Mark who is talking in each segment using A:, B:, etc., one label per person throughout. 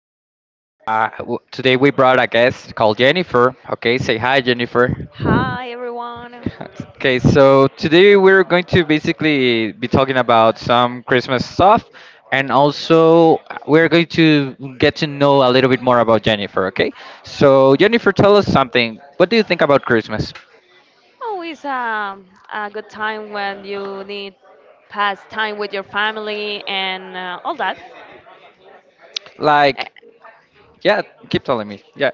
A: All right. Today we brought a guest called Jennifer. Okay, say hi, Jennifer.
B: Hi everyone.
A: Okay, so today we're going to basically be talking about some Christmas stuff, and also we're going to get to know a little bit more about Jennifer. Okay, so Jennifer, tell us something. What do you think about Christmas?
B: Always A good time when you need pass time with your family and all that. Eh,
A: Like, yeah, keep telling me. Yeah.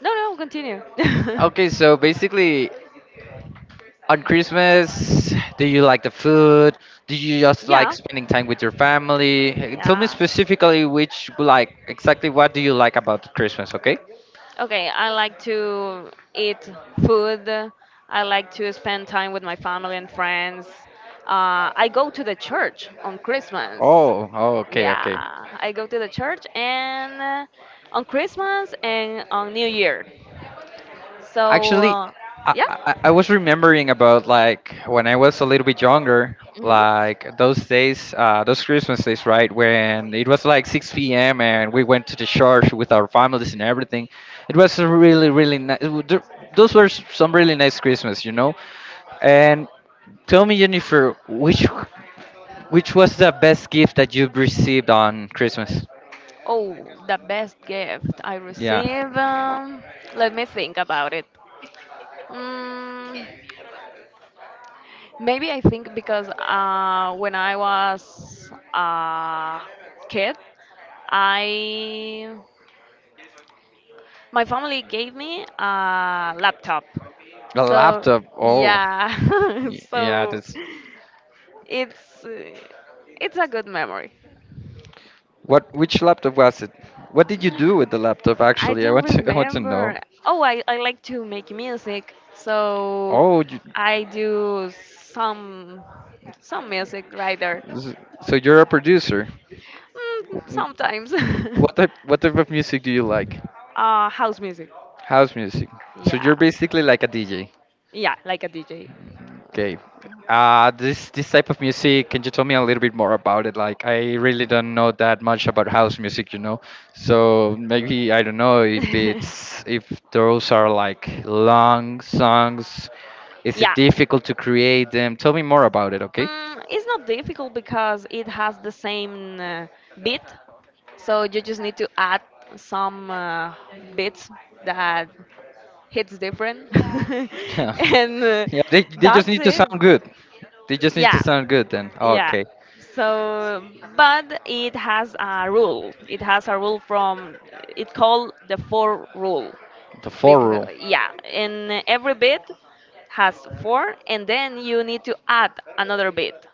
B: no, no, continue.
A: Okay, so basically, on Christmas, do you like the food? Do you just like
B: yeah,
A: spending time with your family? Tell me
B: yeah.
A: specifically which like exactly what do you like about Christmas, okay?
B: Okay, I like to eat food. I like to spend time with my family and friends. I go to the church on Christmas.
A: Oh, oh okay,
B: Yeah,
A: okay.
B: I go to the church and on Christmas and on New Year. So
A: Actually, I,
B: yeah.
A: I, I was remembering about like when I was a little bit younger,
B: Mhm.
A: like those days, those Christmas days, right? When it was like 6 p.m. and we went to the church with our families and everything. It was a really, really nice. Those were some really nice Christmas, you know? And tell me, Jennifer, which was the best gift that you've received on Christmas?
B: Oh, the best gift I
A: Yeah.
B: receive. Let me think about it. Mm, Maybe I think because when I was a kid, I my family gave me a laptop.
A: A
B: So
A: laptop. Oh,
B: yeah,
A: yeah,
B: so
A: that's
B: it's it's a good memory.
A: What which laptop was it? What did you do with the laptop
B: I
A: actually? I
B: don't
A: want to I want to know.
B: remember. I like to make music, so
A: Oh, you,
B: I do some music writer.
A: s- so you're a producer.
B: Mm,
A: Wh-
B: sometimes.
A: What type of music do you like?
B: House music.
A: House music. So
B: Yeah.
A: you're basically like a DJ.
B: Yeah, like a DJ.
A: Okay. This type of music, can you tell me a little bit more about it? Like, I really don't know that much about house music, you know. So maybe I don't know if it's if those are like long songs. Is it
B: yeah.
A: difficult to create them? Tell me more about it, okay?
B: Mm, it's not difficult because it has the same beat, so you just need to add some bits that hits different
A: Yeah.
B: and
A: Yeah, they just
B: that's
A: need to
B: it.
A: sound good. They just need to
B: Yeah,
A: sound good then.
B: yeah,
A: Okay.
B: so but it has a rule, it has a rule from it called the four rule,
A: The four
B: because
A: rule.
B: yeah, and every bit has four and then you need to add another bit.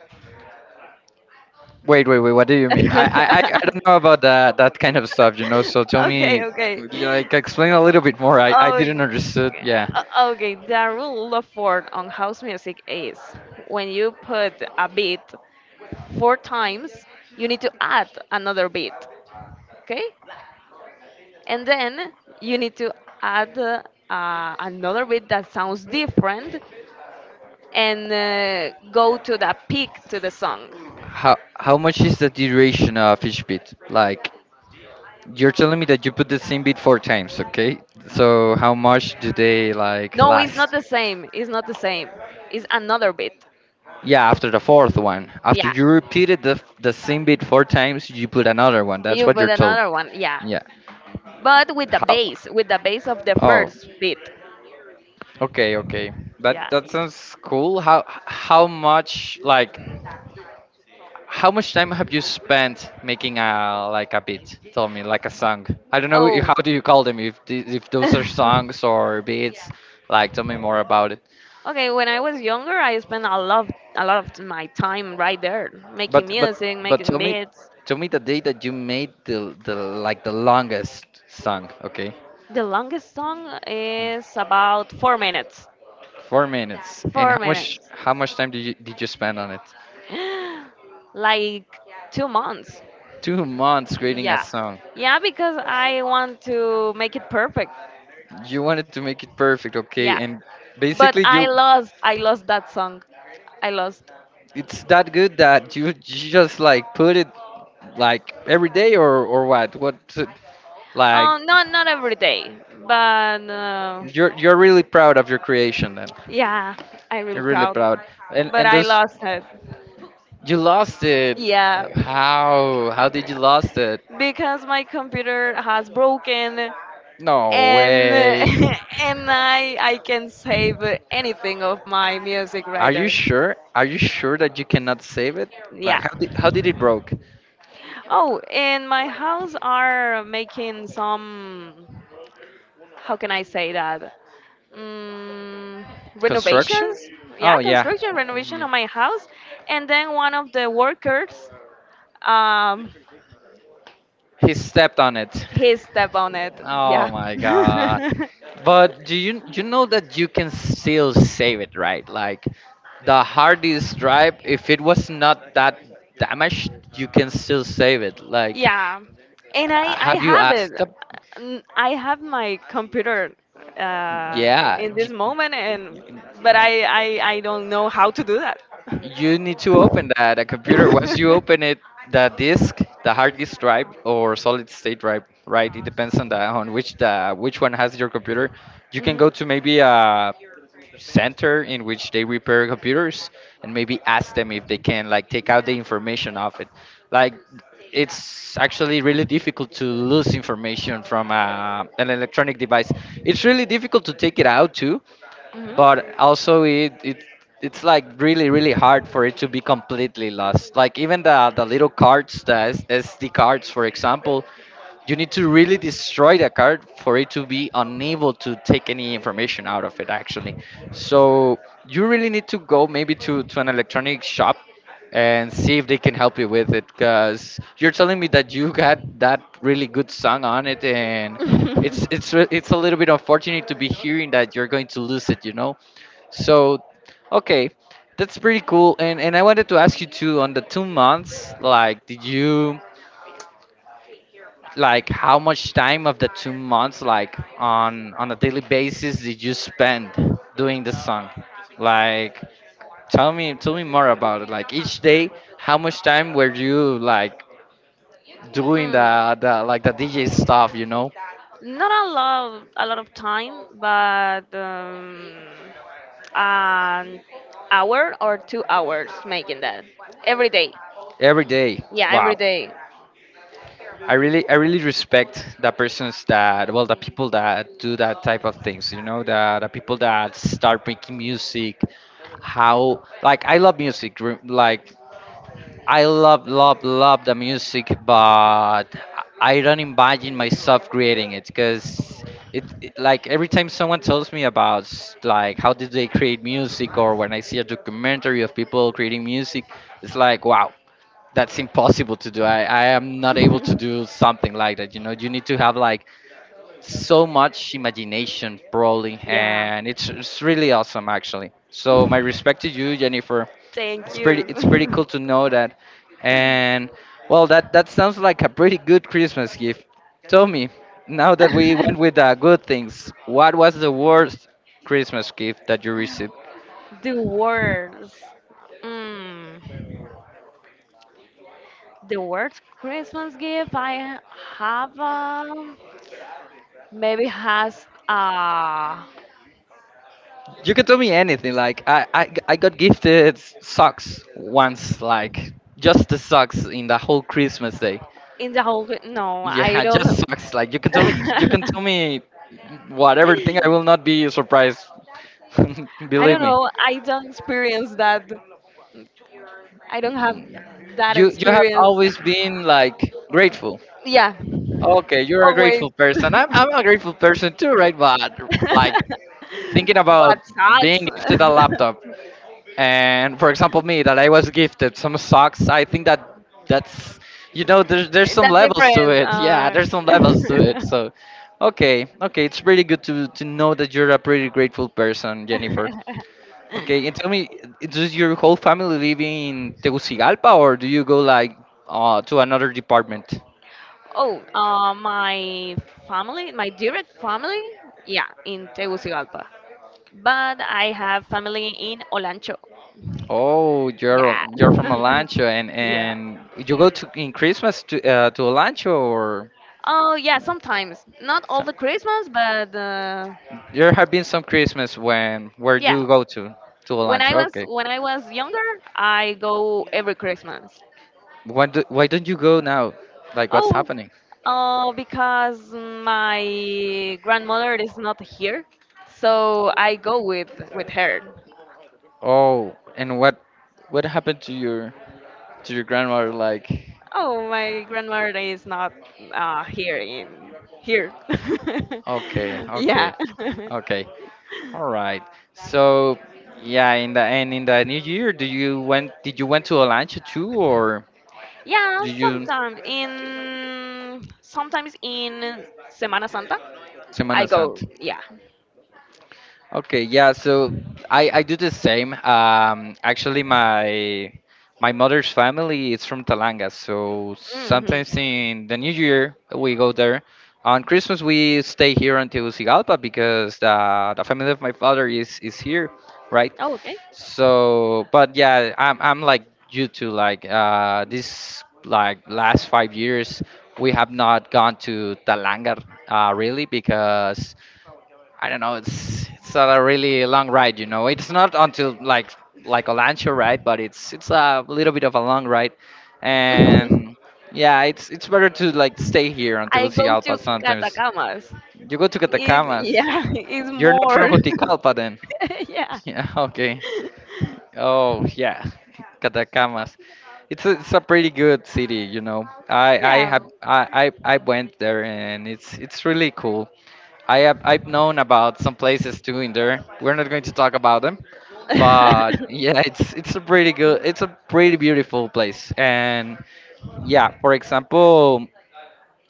A: Wait, wait, wait. What do you mean? I, I, I I don't know about that kind of stuff, you know. So tell
B: Okay,
A: me,
B: okay.
A: like, explain a little bit more. I
B: Oh,
A: didn't understood. Yeah.
B: okay. The rule of four on house music is when you put a beat four times, you need to add another beat, okay? And then you need to add another beat that sounds different and go to the peak to the song.
A: How much is the duration of each beat? Like, you're telling me that you put the same beat four times, okay? So how much do they like
B: No, it's
A: last?
B: not the same. It's not the same. It's another beat.
A: Yeah, after the fourth one, after
B: Yeah.
A: you repeated the same beat four times, you put another one. That's
B: You
A: what
B: put
A: you're told.
B: another one. Yeah.
A: Yeah.
B: But
A: How?
B: with the bass of the
A: Oh,
B: first beat.
A: okay, okay.
B: Yeah.
A: That that sounds cool. How much like how much time have you spent making a like a beat? Tell me, like a song. I don't know
B: Oh.
A: how do you call them if if those are songs or beats. Like, tell me more about it.
B: Okay, when I was younger, I spent a lot of my time right there making
A: But but
B: music,
A: but
B: making beats.
A: tell me the day that you made the like the longest song. Okay,
B: The longest song is about 4 minutes.
A: 4 minutes. And
B: 4 minutes.
A: how much time did you spend on it?
B: Like 2 months.
A: 2 months creating a
B: Yeah.
A: song.
B: Yeah, because I want to make it perfect.
A: You wanted to make it perfect, okay?
B: Yeah.
A: And
B: But
A: basically, you
B: I lost that song. I lost.
A: it's that good that you just like put it like every day or what? What like
B: Not not every day, but
A: you're really proud of your creation then.
B: yeah, I'm really
A: You're really
B: proud.
A: proud.
B: But
A: And
B: I
A: those
B: lost it.
A: you lost it.
B: Yeah,
A: How did you lost it?
B: because my computer has broken
A: No
B: and
A: way.
B: and I can save anything of my music
A: Are
B: right
A: you
B: there.
A: sure? Are you sure that you cannot save it? Like
B: Yeah.
A: how did it broke?
B: Oh, and my house are making some, how can I say that? Mm,
A: Construction?
B: renovations. Yeah,
A: Oh yeah.
B: construction renovation
A: Yeah.
B: of my house and then one of the workers um
A: He stepped on it.
B: he stepped on it.
A: Oh
B: Yeah.
A: my god. But do you know that you can still save it, right? Like the hard disk drive, if it was not that damaged, you can still save it. Like
B: Yeah, and I
A: have you
B: have it.
A: asked the,
B: I have my computer uh,
A: yeah,
B: in this
A: you,
B: moment, and but I don't know how to do that.
A: you need to open that a computer once you open it the disk the hard disk drive or solid state drive, right? It depends on the on which the which one has your computer. You can go
B: Hmm.
A: to maybe a center in which they repair computers, and maybe ask them if they can like take out the information of it. Like it's actually really difficult to lose information from an electronic device. It's really difficult to take it out too,
B: Hmm.
A: but also it's like really, really hard for it to be completely lost, like even the little cards, the sd cards for example. You need to really destroy the card for it to be unable to take any information out of it actually. So you really need to go maybe to an electronic shop and see if they can help you with it, because you're telling me that you got that really good song on it, and it's it's a little bit unfortunate to be hearing that you're going to lose it, you know. So, okay, that's pretty cool. And I wanted to ask you too on the 2 months. Like, did you like how much time of the 2 months, like on a daily basis, did you spend doing the song? Like, tell me more about it. Like each day, how much time were you like doing
B: Mm.
A: the like the DJ stuff? You know,
B: Not a lot, a lot of time, but an hour or 2 hours making that every day.
A: every day.
B: Yeah, every
A: Wow.
B: day.
A: I really respect the persons that, well, the people that do that type of things. You know, the people that start making music. How, like, I love music. Like, I love, love, love the music, but I don't imagine myself creating it, because like, every time someone tells me about like how did they create music, or when I see a documentary of people creating music, it's like, wow, that's impossible to do. I am not able to do something like that. You know, you need to have like so much imagination, probably,
B: yeah.
A: and it's really awesome, actually. So my respect to you, Jennifer.
B: Thank
A: It's pretty
B: you.
A: cool to know that, and well, that that sounds like a pretty good Christmas gift. Tell me, now that we went with the good things, what was the worst Christmas gift that you received?
B: The worst, mm, the worst Christmas gift I have maybe has uh,
A: You can tell me anything. Like I got gifted socks once. Like just the socks in the whole Christmas day.
B: in the whole, no I
A: Yeah, just
B: don't.
A: socks. Like you can tell me, you can tell me whatever thing. I
B: I
A: will not be surprised. Believe
B: don't
A: me.
B: know, I don't experience that. I don't have
A: Mm.
B: that
A: You have
B: experience.
A: always been like grateful.
B: Yeah,
A: Okay, you're a grateful
B: always.
A: person. I'm a grateful person too, right? But like thinking
B: But
A: about being
B: sucks.
A: gifted a laptop, and for example me that I was gifted some socks, I think that that's you know there's some
B: That's
A: levels to it. Yeah,
B: different.
A: there's some levels to it. So okay, okay, it's really good to know that you're a pretty grateful person,
B: Uh.
A: Jennifer. Okay, and tell me, does your whole family live in Tegucigalpa, or do you go like to another department?
B: Oh, my family, my direct family, yeah, in Tegucigalpa. But I have family in Olancho.
A: Oh,
B: Yeah.
A: you're from Olancho,
B: Yeah.
A: and you go to in Christmas to Olancho or
B: Oh, yeah, sometimes. Not all the Christmas, but
A: There have been some Christmas when where
B: yeah.
A: you go to a lunch. Okay.
B: When I was younger, I go every Christmas.
A: Why do, why don't you go now? Like what's
B: Oh,
A: happening?
B: because my grandmother is not here, so I go with her.
A: Oh, and what happened to your grandmother? Like,
B: Oh, my grandmother is not here in here.
A: okay,
B: yeah,
A: okay, okay. All right. So yeah, in the and in the new year, do you went did you went to a lunch too or
B: yeah.
A: do you
B: Sometimes in Semana Santa, I
A: Semana
B: go.
A: Santa?
B: Yeah.
A: Okay, yeah, so I do the same. Actually, my my mother's family is from Talanga, so
B: Hmm.
A: sometimes in the New Year we go there. On Christmas we stay here until Tegucigalpa because the family of my father is here, right?
B: Oh, okay.
A: So, but yeah, I'm like you too. Like this like last 5 years we have not gone to Talanga really because I don't know. It's not a really long ride, you know. It's not until like a Lancho ride, but it's a little bit of a long ride, and yeah, it's better to like stay here on
B: I go to
A: Tegucigalpa. Sometimes
B: Catacamas.
A: you go to
B: It,
A: Catacamas.
B: yeah, it's
A: You're not
B: more.
A: from Juticalpa, then?
B: yeah,
A: Yeah. Okay. Oh yeah, Catacamas. It's a pretty good city, you know. I
B: yeah.
A: have I went there and it's really cool. I've known about some places too in there. We're not going to talk about them, but yeah, it's a pretty good, it's a pretty beautiful place. And yeah, for example,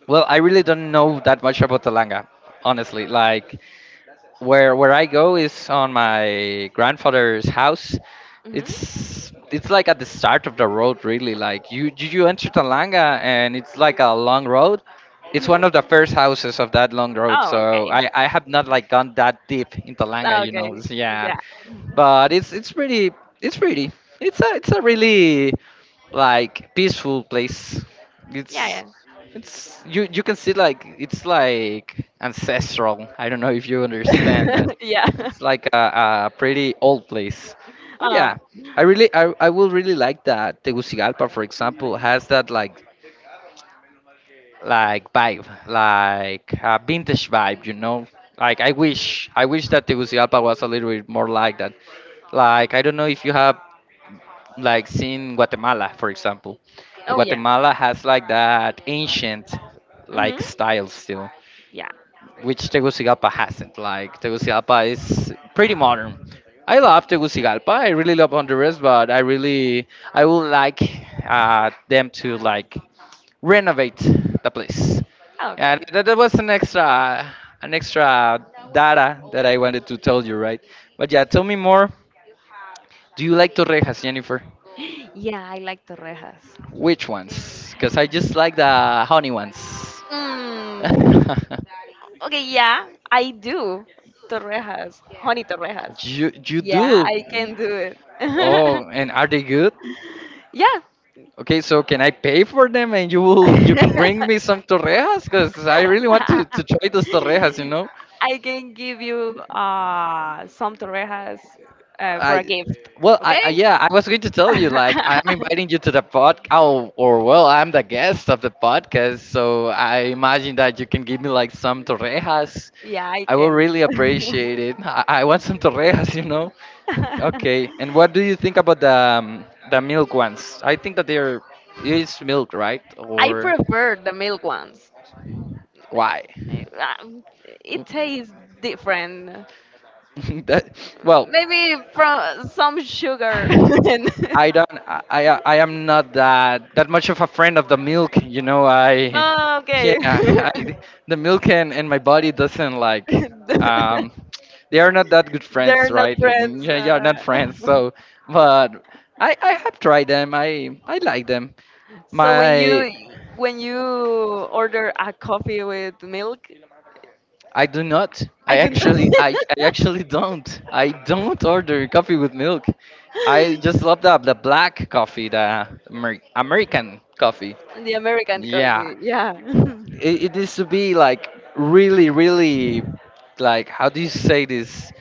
A: well, I really don't know that much about Talanga, honestly. Like where I go is on my grandfather's house.
B: Hmm.
A: It's like at the start of the road, really. Like you enter Talanga, and it's like a long road. It's
B: Hmm.
A: one of the first houses of that long road.
B: Oh,
A: So
B: okay.
A: I have not like gone that deep in Talanga,
B: Oh,
A: you
B: okay.
A: know. So, yeah,
B: Yeah.
A: but it's pretty it's pretty it's a really like peaceful place. It's
B: Yeah.
A: it's You can see like it's like ancestral. I don't know if you understand
B: Yeah.
A: that.
B: yeah.
A: It's like a pretty old place. But
B: Uh,
A: yeah, I will really like that Tegucigalpa, for example, has that like vibe, like a vintage vibe, you know. Like I wish that Tegucigalpa was a little bit more like that. Like I don't know if you have like seen Guatemala, for example.
B: oh yeah.
A: Guatemala has like that ancient
B: Mhm.
A: like style still,
B: Yeah.
A: which Tegucigalpa hasn't. Like Tegucigalpa is pretty modern. I love Tegucigalpa. I really love Honduras, but I really I would like them to like renovate the place. Yeah,
B: Okay.
A: that was an extra an extra data that I wanted to tell you, right? But yeah, tell me more. Do you like Torrejas, Jennifer?
B: Yeah, I like torrejas.
A: Which ones? Because I just like the honey ones.
B: Mm. Okay, yeah, I do. Torrejas, honey torrejas.
A: You
B: Yeah,
A: do.
B: I can do it.
A: Oh, and are they good?
B: yeah.
A: Okay, so can I pay for them and you can bring me some torrejas? Because I really want to try those torrejas, you know?
B: I can give you some torrejas for a
A: I
B: gift.
A: well I,
B: Okay?
A: I yeah, I was going to tell you like I'm inviting you to the pod oh, or well I'm the guest of the podcast, so I imagine that you can give me like some torrejas.
B: yeah, I
A: I will
B: can.
A: really appreciate it. I want some torrejas, you know? Okay, and what do you think about the milk ones? I think that they're it's milk, right?
B: I
A: Or
B: prefer the milk ones.
A: why?
B: Eh, it tastes different.
A: that, well,
B: Maybe from some sugar. And—
A: I don't. I I am not that much of a friend of the milk. You know, I
B: oh,
A: yeah,
B: okay.
A: I, the milk and my body doesn't like. Um, they are not that good
B: They're
A: friends,
B: not
A: right?
B: friends.
A: Yeah, yeah,
B: Uh.
A: not friends. So, but I have tried them. I like them.
B: So when
A: My
B: you when you order a coffee with milk,
A: I do not.
B: I
A: I
B: don't.
A: actually, I actually don't. I don't order coffee with milk. I just love the black coffee, the Amer- American coffee.
B: The American
A: Yeah,
B: coffee, yeah,
A: it needs to be like really, really, like how do you say this?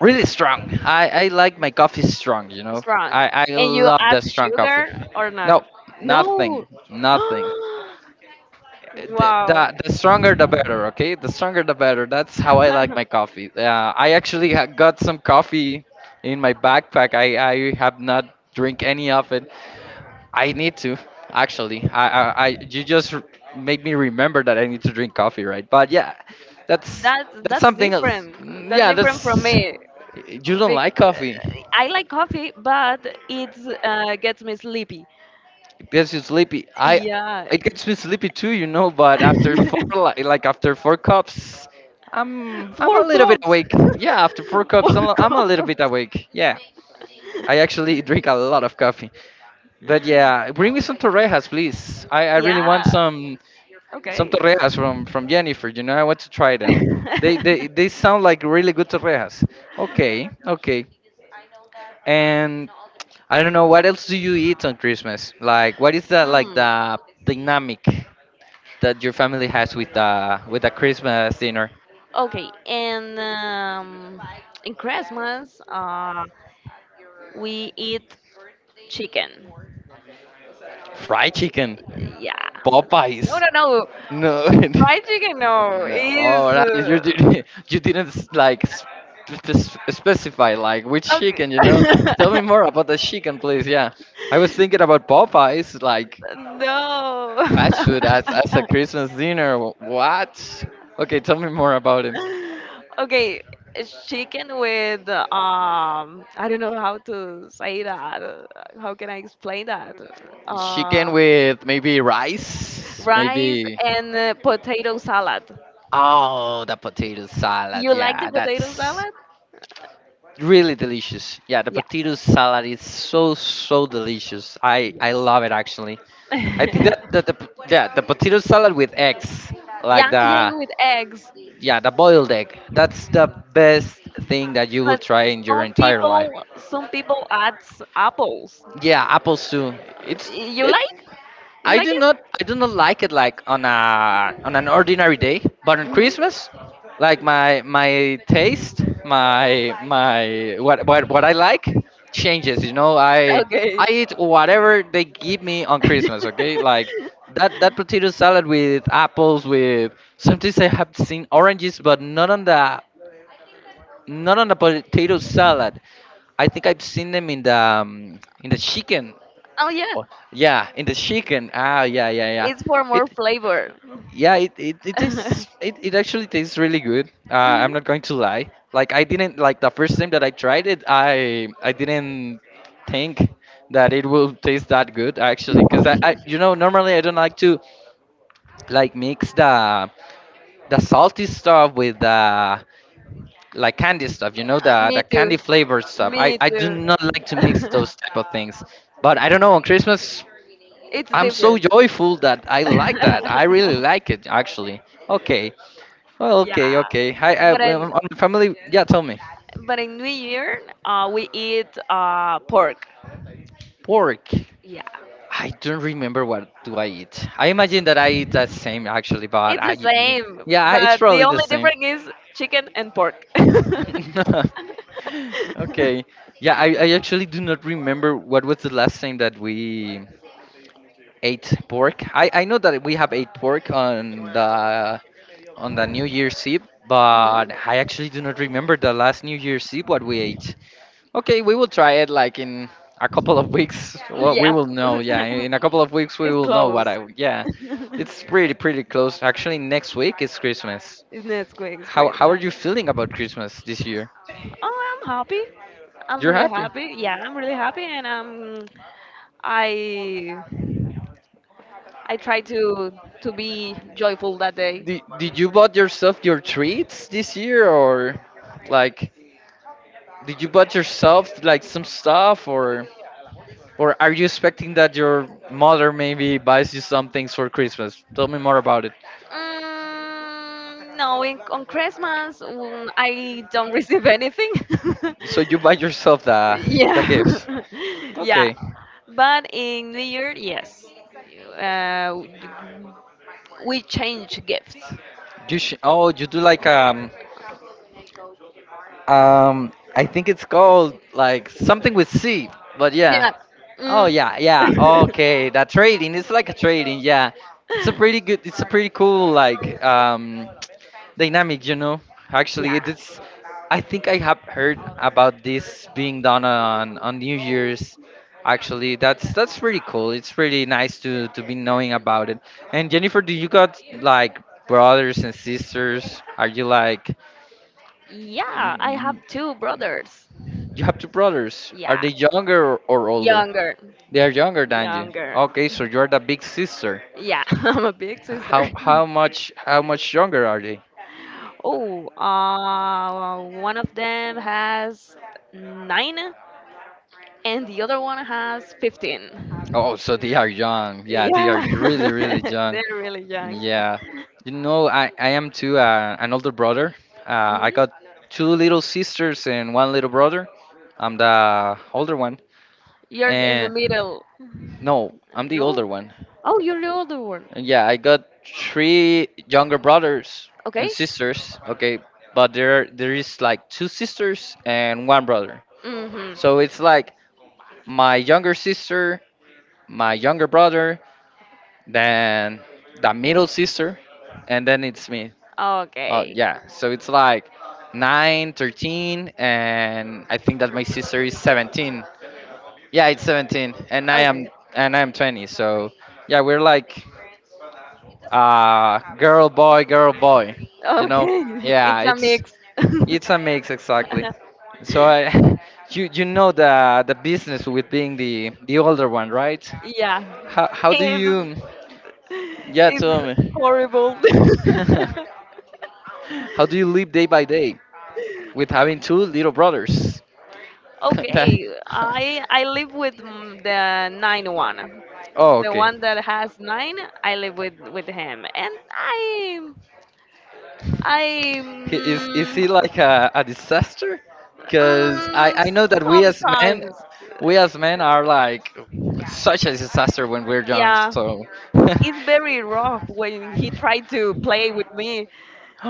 A: Really strong. I like my coffee strong. You know,
B: strong.
A: I
B: And you
A: love
B: add
A: that strong coffee.
B: sugar or
A: No,
B: not? No.
A: nothing, nothing. the,
B: Wow.
A: the, the stronger the better. Okay, the stronger the better. That's how I like my coffee. I actually got some coffee in my backpack. I have not drink any of it. I need to actually I you just made me remember that I need to drink coffee, right? But yeah, that's
B: That's
A: something else.
B: different.
A: Mm,
B: That's
A: yeah,
B: different from
A: that's
B: me.
A: you don't
B: Bec-
A: like coffee.
B: I like coffee, but it gets me sleepy.
A: Gets you sleepy. I
B: Yeah,
A: it gets me sleepy too, you know. But after four, like after four cups, I'm a
B: four
A: little bit
B: cups.
A: awake. Yeah, after four cups,
B: Four
A: I'm a little
B: cups.
A: bit awake. Yeah, I actually drink a lot of coffee. But yeah, bring me some torrejas, please. I really want
B: Yeah.
A: some
B: Okay.
A: torrejas from Jennifer. You know, I want to try them. They sound like really good torrejas. Okay, okay. And I don't know what else do you eat on Christmas? Like, what is the like
B: Hmm.
A: the dynamic that your family has with the Christmas dinner?
B: Okay. And in Christmas, we eat chicken.
A: Fried chicken,
B: Yeah. No,
A: Popeyes.
B: no, no.
A: No,
B: Fried chicken, no.
A: no.
B: Is
A: All right, you you didn't like specify like which
B: okay.
A: chicken. You know, tell me more about the chicken, please. Yeah, I was thinking about Popeyes, like
B: No.
A: fast food as a Christmas dinner. Wh- What? Okay, tell me more about it.
B: Okay, it's chicken with um, I don't know how to say that. How can I explain that?
A: Chicken
B: Uh,
A: with maybe rice,
B: rice
A: maybe.
B: and potato salad.
A: Oh, the potato salad.
B: You like the
A: Yeah,
B: potato
A: that's
B: salad?
A: really delicious. Yeah, the
B: Yeah,
A: potato salad is so so delicious. I
B: yeah.
A: I love it actually. I think that yeah the potato salad with eggs, like
B: Yeah, yeah,
A: the
B: with eggs.
A: yeah the boiled egg. That's the best thing that you will
B: But
A: try in your entire life.
B: some people add apples.
A: Yeah, apple stew. It's
B: You
A: it.
B: like? You like it?
A: I do not like it like on a on an ordinary day, but on
B: Hmm.
A: Christmas, like my taste, my what I like changes. You know,
B: Okay.
A: I eat whatever they give me on Christmas. Okay, like that potato salad with apples with sometimes I have seen oranges, but not on the potato salad. I think I've seen them in the chicken.
B: Oh yeah.
A: Oh, yeah, in the chicken. Ah, yeah, yeah, yeah.
B: It's for more
A: It,
B: flavor.
A: yeah, it tastes it actually tastes really good. I'm
B: Mhm.
A: not going to lie. Like I didn't like the first time that I tried it. I didn't think that it will taste that good actually, because
B: Uh,
A: I you know normally I don't like to like mix the salty stuff with the like candy stuff. You know
B: me
A: the
B: too.
A: candy flavored stuff. I
B: Me
A: I do
B: too.
A: not like to mix those type of things. But I don't know on Christmas
B: It's
A: I'm so
B: different.
A: joyful that I like that. I really like it, actually. Okay. Well,
B: Yeah,
A: okay, okay. Hi,
B: but in
A: on family. Yeah, tell me.
B: but in New Year, we eat pork.
A: Pork.
B: Yeah,
A: I don't remember what do I eat. I imagine that I eat that same actually, but
B: it's
A: I
B: the
A: eat-
B: same,
A: yeah, it's
B: but the
A: probably the
B: only
A: same.
B: difference is chicken and pork.
A: okay. Yeah, I actually do not remember what was the last time that we ate pork. I know that we have ate pork on the New Year's Eve,
B: Mhm.
A: but I actually do not remember the last New Year's Eve what we ate. Okay, we will try it like in a couple of weeks. Well, we
B: Yeah,
A: will know. Yeah, in a couple of weeks we
B: it's
A: will know what
B: close.
A: I. Yeah, it's pretty close. Actually, next week is Christmas.
B: It's Nesquik, it's
A: How
B: crazy.
A: how are you feeling about Christmas this year?
B: Oh, I'm happy. I'm
A: You're
B: really
A: happy.
B: happy. Yeah, I'm really happy, and um, I I try to be joyful that day.
A: Did you bought yourself your treats this year or like did you bought yourself like some stuff or are you expecting that your mother maybe buys you some things for Christmas? Tell me more about it.
B: Mm, no, on Christmas mm, I don't receive anything.
A: So you buy yourself the
B: yeah,
A: gifts.
B: yeah.
A: Okay.
B: But in New Year, yes, uh, we change gifts.
A: You oh, you do like I think it's called like something with C, but yeah.
B: Yeah.
A: Oh
B: Mm.
A: yeah, yeah. Okay, that trading. It's like a trading. Yeah, it's a pretty good. It's a pretty cool like dynamic. You know, actually,
B: yeah,
A: it's. I think I have heard about this being done on New Year's. Actually, that's pretty cool. It's pretty nice to be knowing about it. And Jennifer, do you got like brothers and sisters? Are you like?
B: yeah. I have two brothers.
A: You have two brothers. Are
B: Yeah,
A: they younger or older?
B: younger,
A: They are younger than you.
B: younger.
A: Okay, so you're the big sister.
B: Yeah, I'm a big sister.
A: How how much how much younger are they?
B: Oh, one of them has nine, and the other one has 15.
A: Oh, so they are young. Yeah, they are
B: Yeah,
A: really, really young.
B: they're really young.
A: Yeah. You know, I am too an older brother. I got
B: Hmm.
A: two little sisters and one little brother. I'm the older one.
B: You're in the
A: And
B: middle.
A: no, I'm the
B: No?
A: older one.
B: Oh, you're the older one.
A: And yeah, I got three younger brothers and
B: Okay.
A: sisters. Okay, but there is like two sisters and one brother. So
B: Mm-hmm.
A: it's like my younger sister, my younger brother, then the middle sister, and then it's me. Oh
B: Okay.
A: yeah, so it's like 9, 13, and I think that my sister is 17. Yeah, it's 17, and
B: Okay.
A: I am 20. So yeah, we're like girl boy girl boy, you know.
B: Okay.
A: Yeah,
B: It's a mix.
A: it's a mix exactly. So I you know the business with being the older one, right?
B: Yeah.
A: How do
B: It's
A: you yeah tell
B: it's
A: me.
B: horrible.
A: How do you live day by day with having two little brothers that
B: Okay, I live with mm, the nine one,
A: oh
B: the
A: okay.
B: one that has nine. I live with him, and I I
A: He, is
B: mm,
A: he like a disaster? Because
B: mm,
A: I know that
B: sometimes
A: we as men are like such a disaster when we're young.
B: yeah,
A: So
B: it's very rough when he tried to play with me.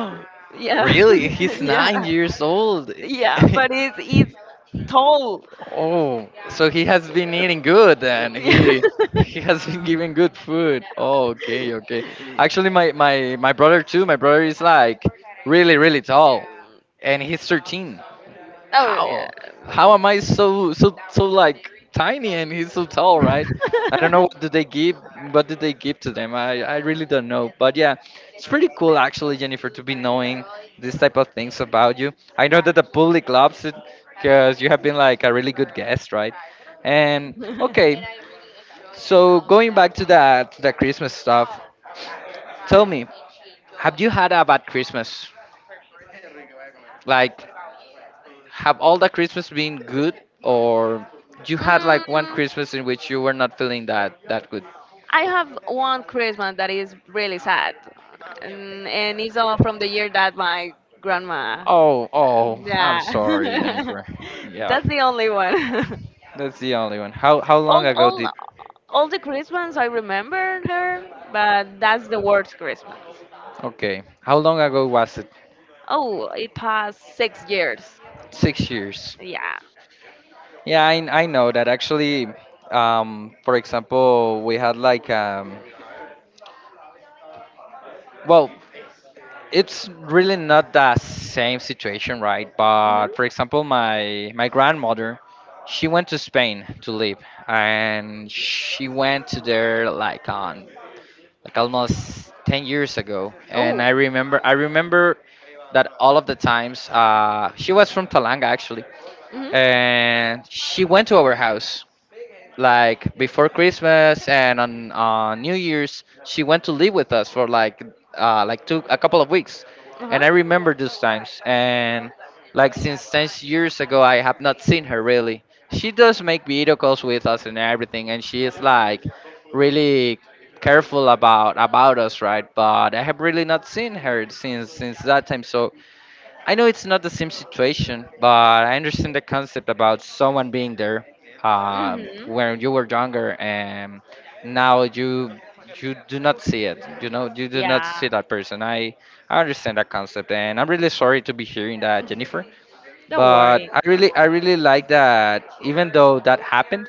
B: Yeah,
A: really, he's nine
B: yeah,
A: years old.
B: yeah, but it's tall.
A: Oh, so he has been eating good and he has been giving good food. Oh, okay, okay. Actually, my brother too. My brother is like really really tall, and he's 13.
B: Oh yeah.
A: How? How am I so so so like tiny and he's so tall, right? I don't know what did they give to them. I really don't know. But yeah, it's pretty cool actually, Jennifer, to be knowing this type of things about you. I know that the public loves it because you have been like a really good guest, right? And okay, so going back to that the Christmas stuff, tell me, have you had a bad Christmas? Like have all the Christmas been good, or you had like one
B: Mm,
A: Christmas in which you were not feeling that good?
B: I have one Christmas that is really sad, and it's all from the year that my grandma. Uh,
A: Oh, oh, I'm
B: yeah,
A: sorry, Jennifer. Yeah,
B: that's the only one.
A: that's the only one. How long
B: all,
A: ago
B: all,
A: did?
B: all the Christmas I remember her, but that's the worst Christmas.
A: Okay, how long ago was it?
B: Oh, it passed 6 years.
A: 6 years.
B: Yeah.
A: Yeah, I know that actually. For example, we had like well, it's really not the same situation, right? But
B: Hmm.
A: for example, my grandmother, she went to Spain to live, and she went to there like on like almost 10 years ago. And
B: Oh.
A: I remember that all of the times she was from Talanga actually,
B: Hmm.
A: and she went to our house like before Christmas and on New Year's, she went to live with us for like two a couple of weeks,
B: Uh-huh.
A: and I remember those times. And like since 10 years ago, I have not seen her really. She does make video calls with us and everything, and she is like really careful about us, right? But I have really not seen her since that time. So I know it's not the same situation, but I understand the concept about someone being there
B: Hmm.
A: when you were younger, and now you do not see it. You do not
B: Yeah.
A: see that person. I understand that concept, and I'm really sorry to be hearing that, Jennifer.
B: Don't
A: But
B: worry.
A: I really like that. Even though that happened,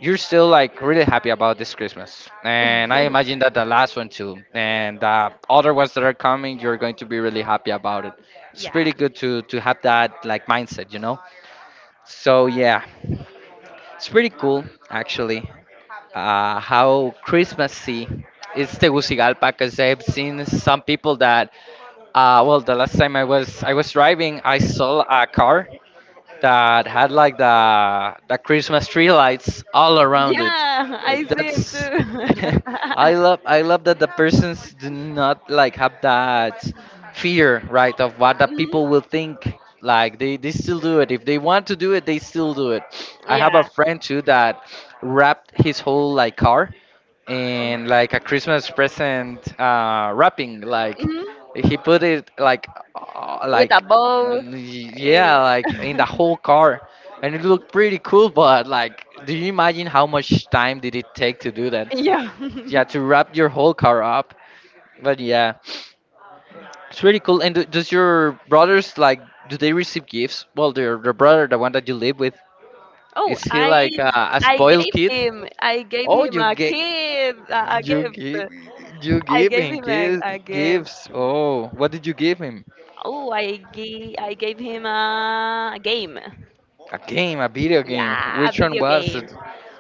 A: you're still like really happy about this Christmas, and I imagine that the last one too, and other ones that are coming, you're going to be really happy about it. It's
B: Yeah.
A: pretty good to have that like mindset, you know. So yeah, it's pretty cool actually. How Christmassy is Tegucigalpa? Because I've seen some people that, the last time I was driving, I saw a car that had like the Christmas tree lights all around it.
B: Yeah, I see him too.
A: That's I love I love that the persons do not like have that fear, right, of what the
B: Mhm.
A: people will think. Like they still do it. If they want to do it, they still do it. I have a
B: Yeah.
A: friend too that wrapped his whole like car in like a Christmas present wrapping. Like
B: Mhm.
A: he put it like uh,
B: With a
A: like
B: bow.
A: n-
B: Eh,
A: yeah, like in the whole car. And it looked pretty cool, but like, do you imagine how much time did it take to do that?
B: yeah.
A: Yeah, to wrap your whole car up. But yeah. It's really cool. And does your brothers like? Do they receive gifts? Well, their brother, the one that you live with,
B: Oh,
A: is he
B: I
A: like a spoiled kid?
B: I gave
A: Oh,
B: him a kid a
A: you
B: gift.
A: give you
B: I
A: give
B: gave
A: him
B: him
A: gifts
B: a gift.
A: gifts. Oh, what did you give him?
B: Oh, I gave him a game.
A: A game, a video game.
B: Yeah, a
A: Which one
B: video
A: was
B: game.
A: it?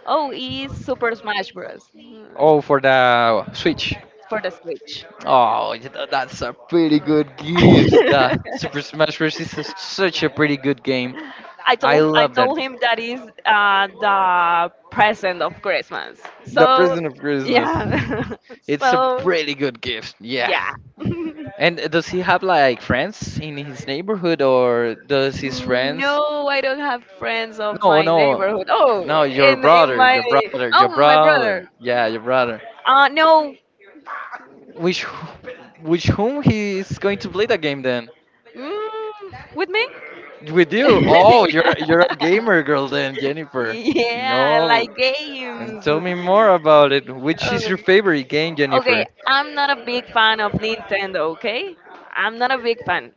B: Oh, it's Super Smash Bros.
A: Oh, for the
B: Mm,
A: Switch.
B: for the Switch.
A: Oh, you know, that's a pretty good gift. The Super Smash Bros. Is such a pretty good game. I
B: I
A: love that
B: told
A: game.
B: him that is the present of Christmas.
A: The
B: So
A: Present of Christmas.
B: yeah,
A: It's a
B: so
A: pretty good gift, yeah.
B: yeah.
A: And does he have like friends in his neighborhood, or does his friends?
B: No, I don't have friends of
A: No,
B: my
A: no,
B: neighborhood. Oh,
A: no. Your
B: in
A: brother,
B: my
A: your brother, your
B: oh my brother.
A: brother. Yeah, your brother.
B: No,
A: Which, which whom he is going to play the game then?
B: mm, with me.
A: With you? Oh, you're a gamer girl then, Jennifer.
B: yeah, I like
A: Yo, and
B: games.
A: tell me more about it. Which is your
B: Oh,
A: favorite game,
B: okay,
A: Jennifer?
B: I'm not a big fan of Nintendo, okay? I'm not a big fan.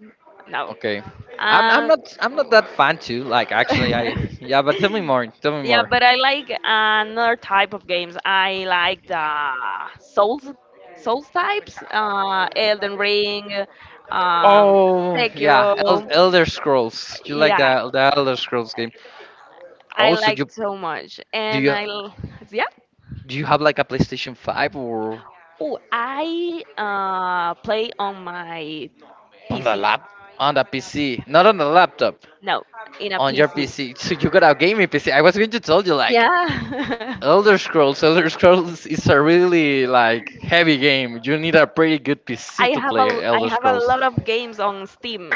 B: No.
A: Okay. I'm I'm
B: Um,
A: not I'm not that fan too. Like actually, I yeah. But tell me more. Tell me
B: yeah,
A: more.
B: but I like another type of games. I like the Souls Souls types, Elden Ring, um,
A: Oh yeah,
B: Sekiro.
A: Elder Scrolls. You like
B: Yeah,
A: the Elder Scrolls game? Oh,
B: I
A: so
B: like
A: you
B: so much.
A: do
B: And
A: you
B: yeah.
A: do you have like a PlayStation Five or
B: Oh, I play on my
A: on the
B: PC.
A: lap on the PC? Not on the laptop,
B: No, in a
A: on your
B: PC.
A: PC. So you got a gaming PC. I was going to tell you like
B: Yeah.
A: Elder Scrolls. Elder Scrolls is a really like heavy game. You need a pretty good PC to play
B: I
A: Elder
B: have a
A: Scrolls.
B: lot of games on Steam.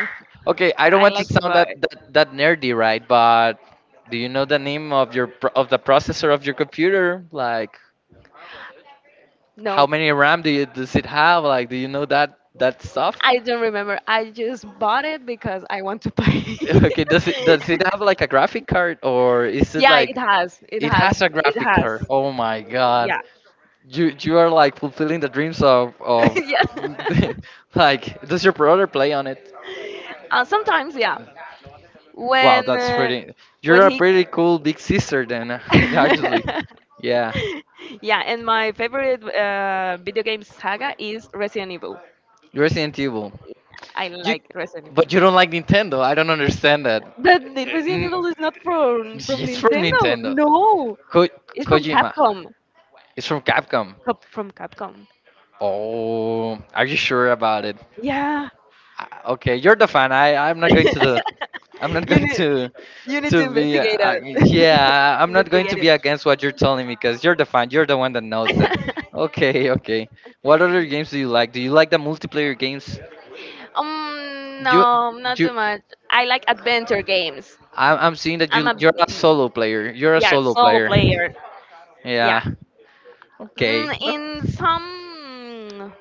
A: Okay, I don't
B: I
A: want to
B: like to
A: sound
B: buy.
A: that nerdy, right? But do you know the name of your pro- of the processor of your computer? Like how
B: No,
A: many RAM do you does it have? Like, do you know that stuff?
B: I don't remember. I just bought it because I want to play.
A: Okay, does it have like a graphic card or is it
B: yeah, it
A: like
B: has. It
A: it
B: has.
A: has a
B: It
A: graphic
B: has.
A: card? Oh my god.
B: Yeah.
A: You are like fulfilling the dreams of
B: yeah.
A: like does your brother play on it?
B: Sometimes, yeah.
A: Wow,
B: When
A: that's
B: uh,
A: pretty you're
B: when
A: a
B: he
A: pretty cool big sister then actually. Yeah.
B: yeah, and my favorite video game saga is Resident Evil.
A: You're Resident Evil.
B: I
A: You
B: like Resident Evil.
A: But you don't like Nintendo. I don't understand that.
B: But the Resident Evil is not from
A: It's from
B: Nintendo.
A: Nintendo.
B: No,
A: Ko-
B: it's from
A: Kojima.
B: Capcom.
A: It's from Capcom.
B: From Capcom.
A: Oh, are you sure about it?
B: Yeah.
A: Okay, you're the fan. I'm not going to the I'm not
B: you
A: going
B: need you need
A: to
B: to
A: be
B: investigate it.
A: yeah, I'm not going to
B: Investigate
A: be
B: it.
A: against what you're telling me because you're the fan. You're the one that knows that. Okay, okay. What other games do you like? Do you like the multiplayer games?
B: Um,
A: You
B: no, not
A: you
B: too much. I like adventure games.
A: I'm seeing that
B: I'm
A: you
B: a
A: you're a solo player. You're a
B: yeah
A: solo
B: solo
A: player.
B: player. Yeah.
A: Yeah. Okay.
B: Mm, in some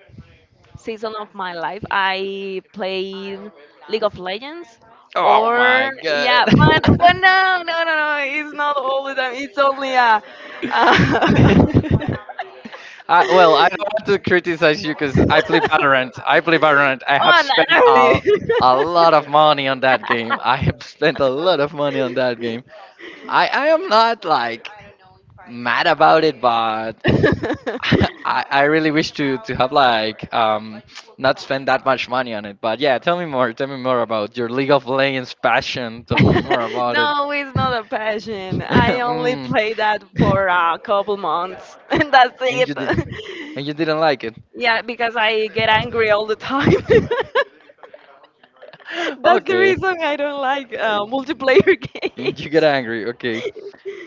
B: season of my life, I played League of Legends
A: Oh
B: or
A: my
B: yeah,
A: god.
B: but no, no, no, no, it's not all the time. It's only uh.
A: I, well, I don't want to criticize you because I play Valorant. I play Valorant. I have
B: Oh no.
A: spent
B: No.
A: a lot of money on that game. I have spent a lot of money on that game. I am not like mad about it, but I really wish to have like not spend that much money on it. But yeah, tell me more. Tell me more about your League of Legends passion. Tell me more about it.
B: No, it's not a passion. I only
A: mm.
B: play that for a couple months, and that's
A: And you did
B: it.
A: and you didn't like it.
B: Yeah, because I get angry all the time. That's the
A: okay.
B: reason I don't like
A: Like,
B: multiplayer
A: and you get
B: games.
A: angry, okay.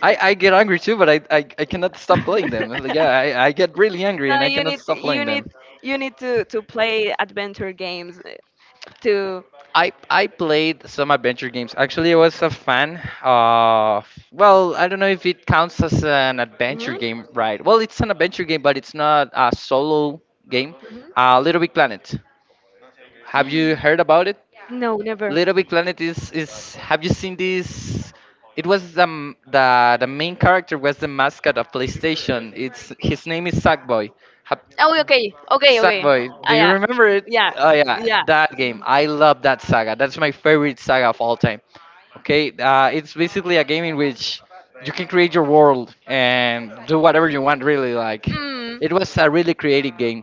A: I get angry too, but I cannot stop playing them. Like, yeah, I get really angry
B: No,
A: and I
B: you
A: cannot
B: need
A: stop playing
B: you
A: them.
B: need to play adventure games to.
A: I played some adventure games. Actually, I was a fan of. Well, I don't know if it counts as an adventure
B: Mhm,
A: game, right? Well, it's an adventure game, but it's not a solo game.
B: mhm.
A: Little Big Planet. Have you heard about it?
B: No, never.
A: Little Big Planet is. Have you seen this? It was the the main character was the mascot of PlayStation. It's his name is Sackboy. Ha-
B: Oh, okay, okay, okay.
A: Sackboy,
B: Ah,
A: do you
B: yeah,
A: remember it?
B: yeah,
A: Oh yeah,
B: yeah.
A: that game. I love that saga. That's my favorite saga of all time. Okay, it's basically a game in which you can create your world and do whatever you want. Really, like
B: Mm.
A: it was a really creative game.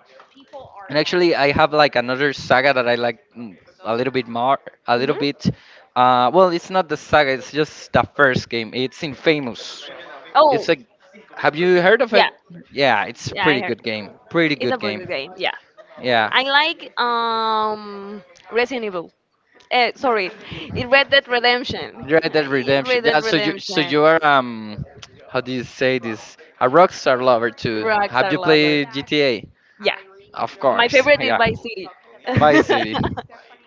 A: And actually, I have like another saga that I like a little bit more, a little
B: Hmm.
A: bit. Well, it's not the saga; it's just the first game. It's Infamous.
B: Oh,
A: It's a. Have you heard of
B: yeah.
A: it? Yeah, it's a
B: Yeah, I
A: pretty
B: heard.
A: good game. Pretty
B: It's a
A: good
B: pretty
A: game.
B: good game. Yeah,
A: Yeah.
B: I like um, Resident Evil. Sorry, Red Dead Redemption.
A: Red Dead Redemption.
B: Red Dead
A: Yeah, so
B: Redemption.
A: you are how do you say this? A rockstar lover too. Have
B: Rockstar
A: you
B: Lover.
A: played GTA?
B: Yeah,
A: Of
B: my
A: course,
B: favorite is
A: yeah.
B: Vice City.
A: Vice City.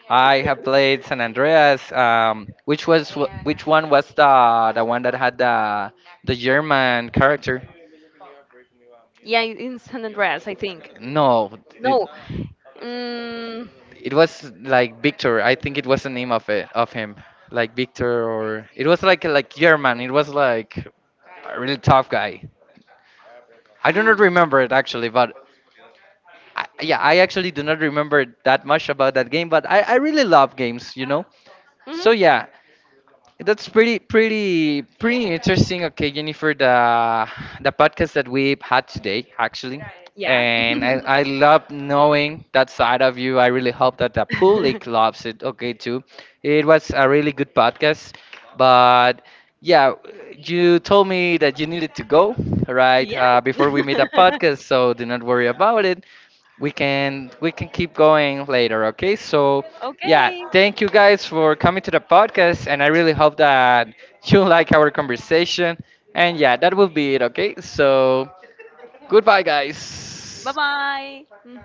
A: I have played San Andreas. Which was which one was the one that had the German character?
B: yeah, in San Andreas, I think.
A: No, it,
B: No. Mm,
A: it was like Victor. I think it was the name of it of him, like Victor, or it was like German. It was like a really tough guy. I do not remember it actually, but yeah, I actually do not remember that much about that game. But I really love games, you know.
B: mhm.
A: So yeah, that's pretty, pretty, pretty interesting. Okay, Jennifer, the podcast that we had today, actually,
B: Yeah.
A: and I love knowing that side of you. I really hope that the public loves it. Okay, too. It was a really good podcast, but yeah, you told me that you needed to go right
B: yeah.
A: before we made a podcast, so do not worry about it. We can keep going later. Okay, so yeah,
B: okay.
A: thank you guys for coming to the podcast, and I really hope that you like our conversation. And yeah, that will be it, okay? So, goodbye,
B: 拜
A: guys.
B: 拜。嗯。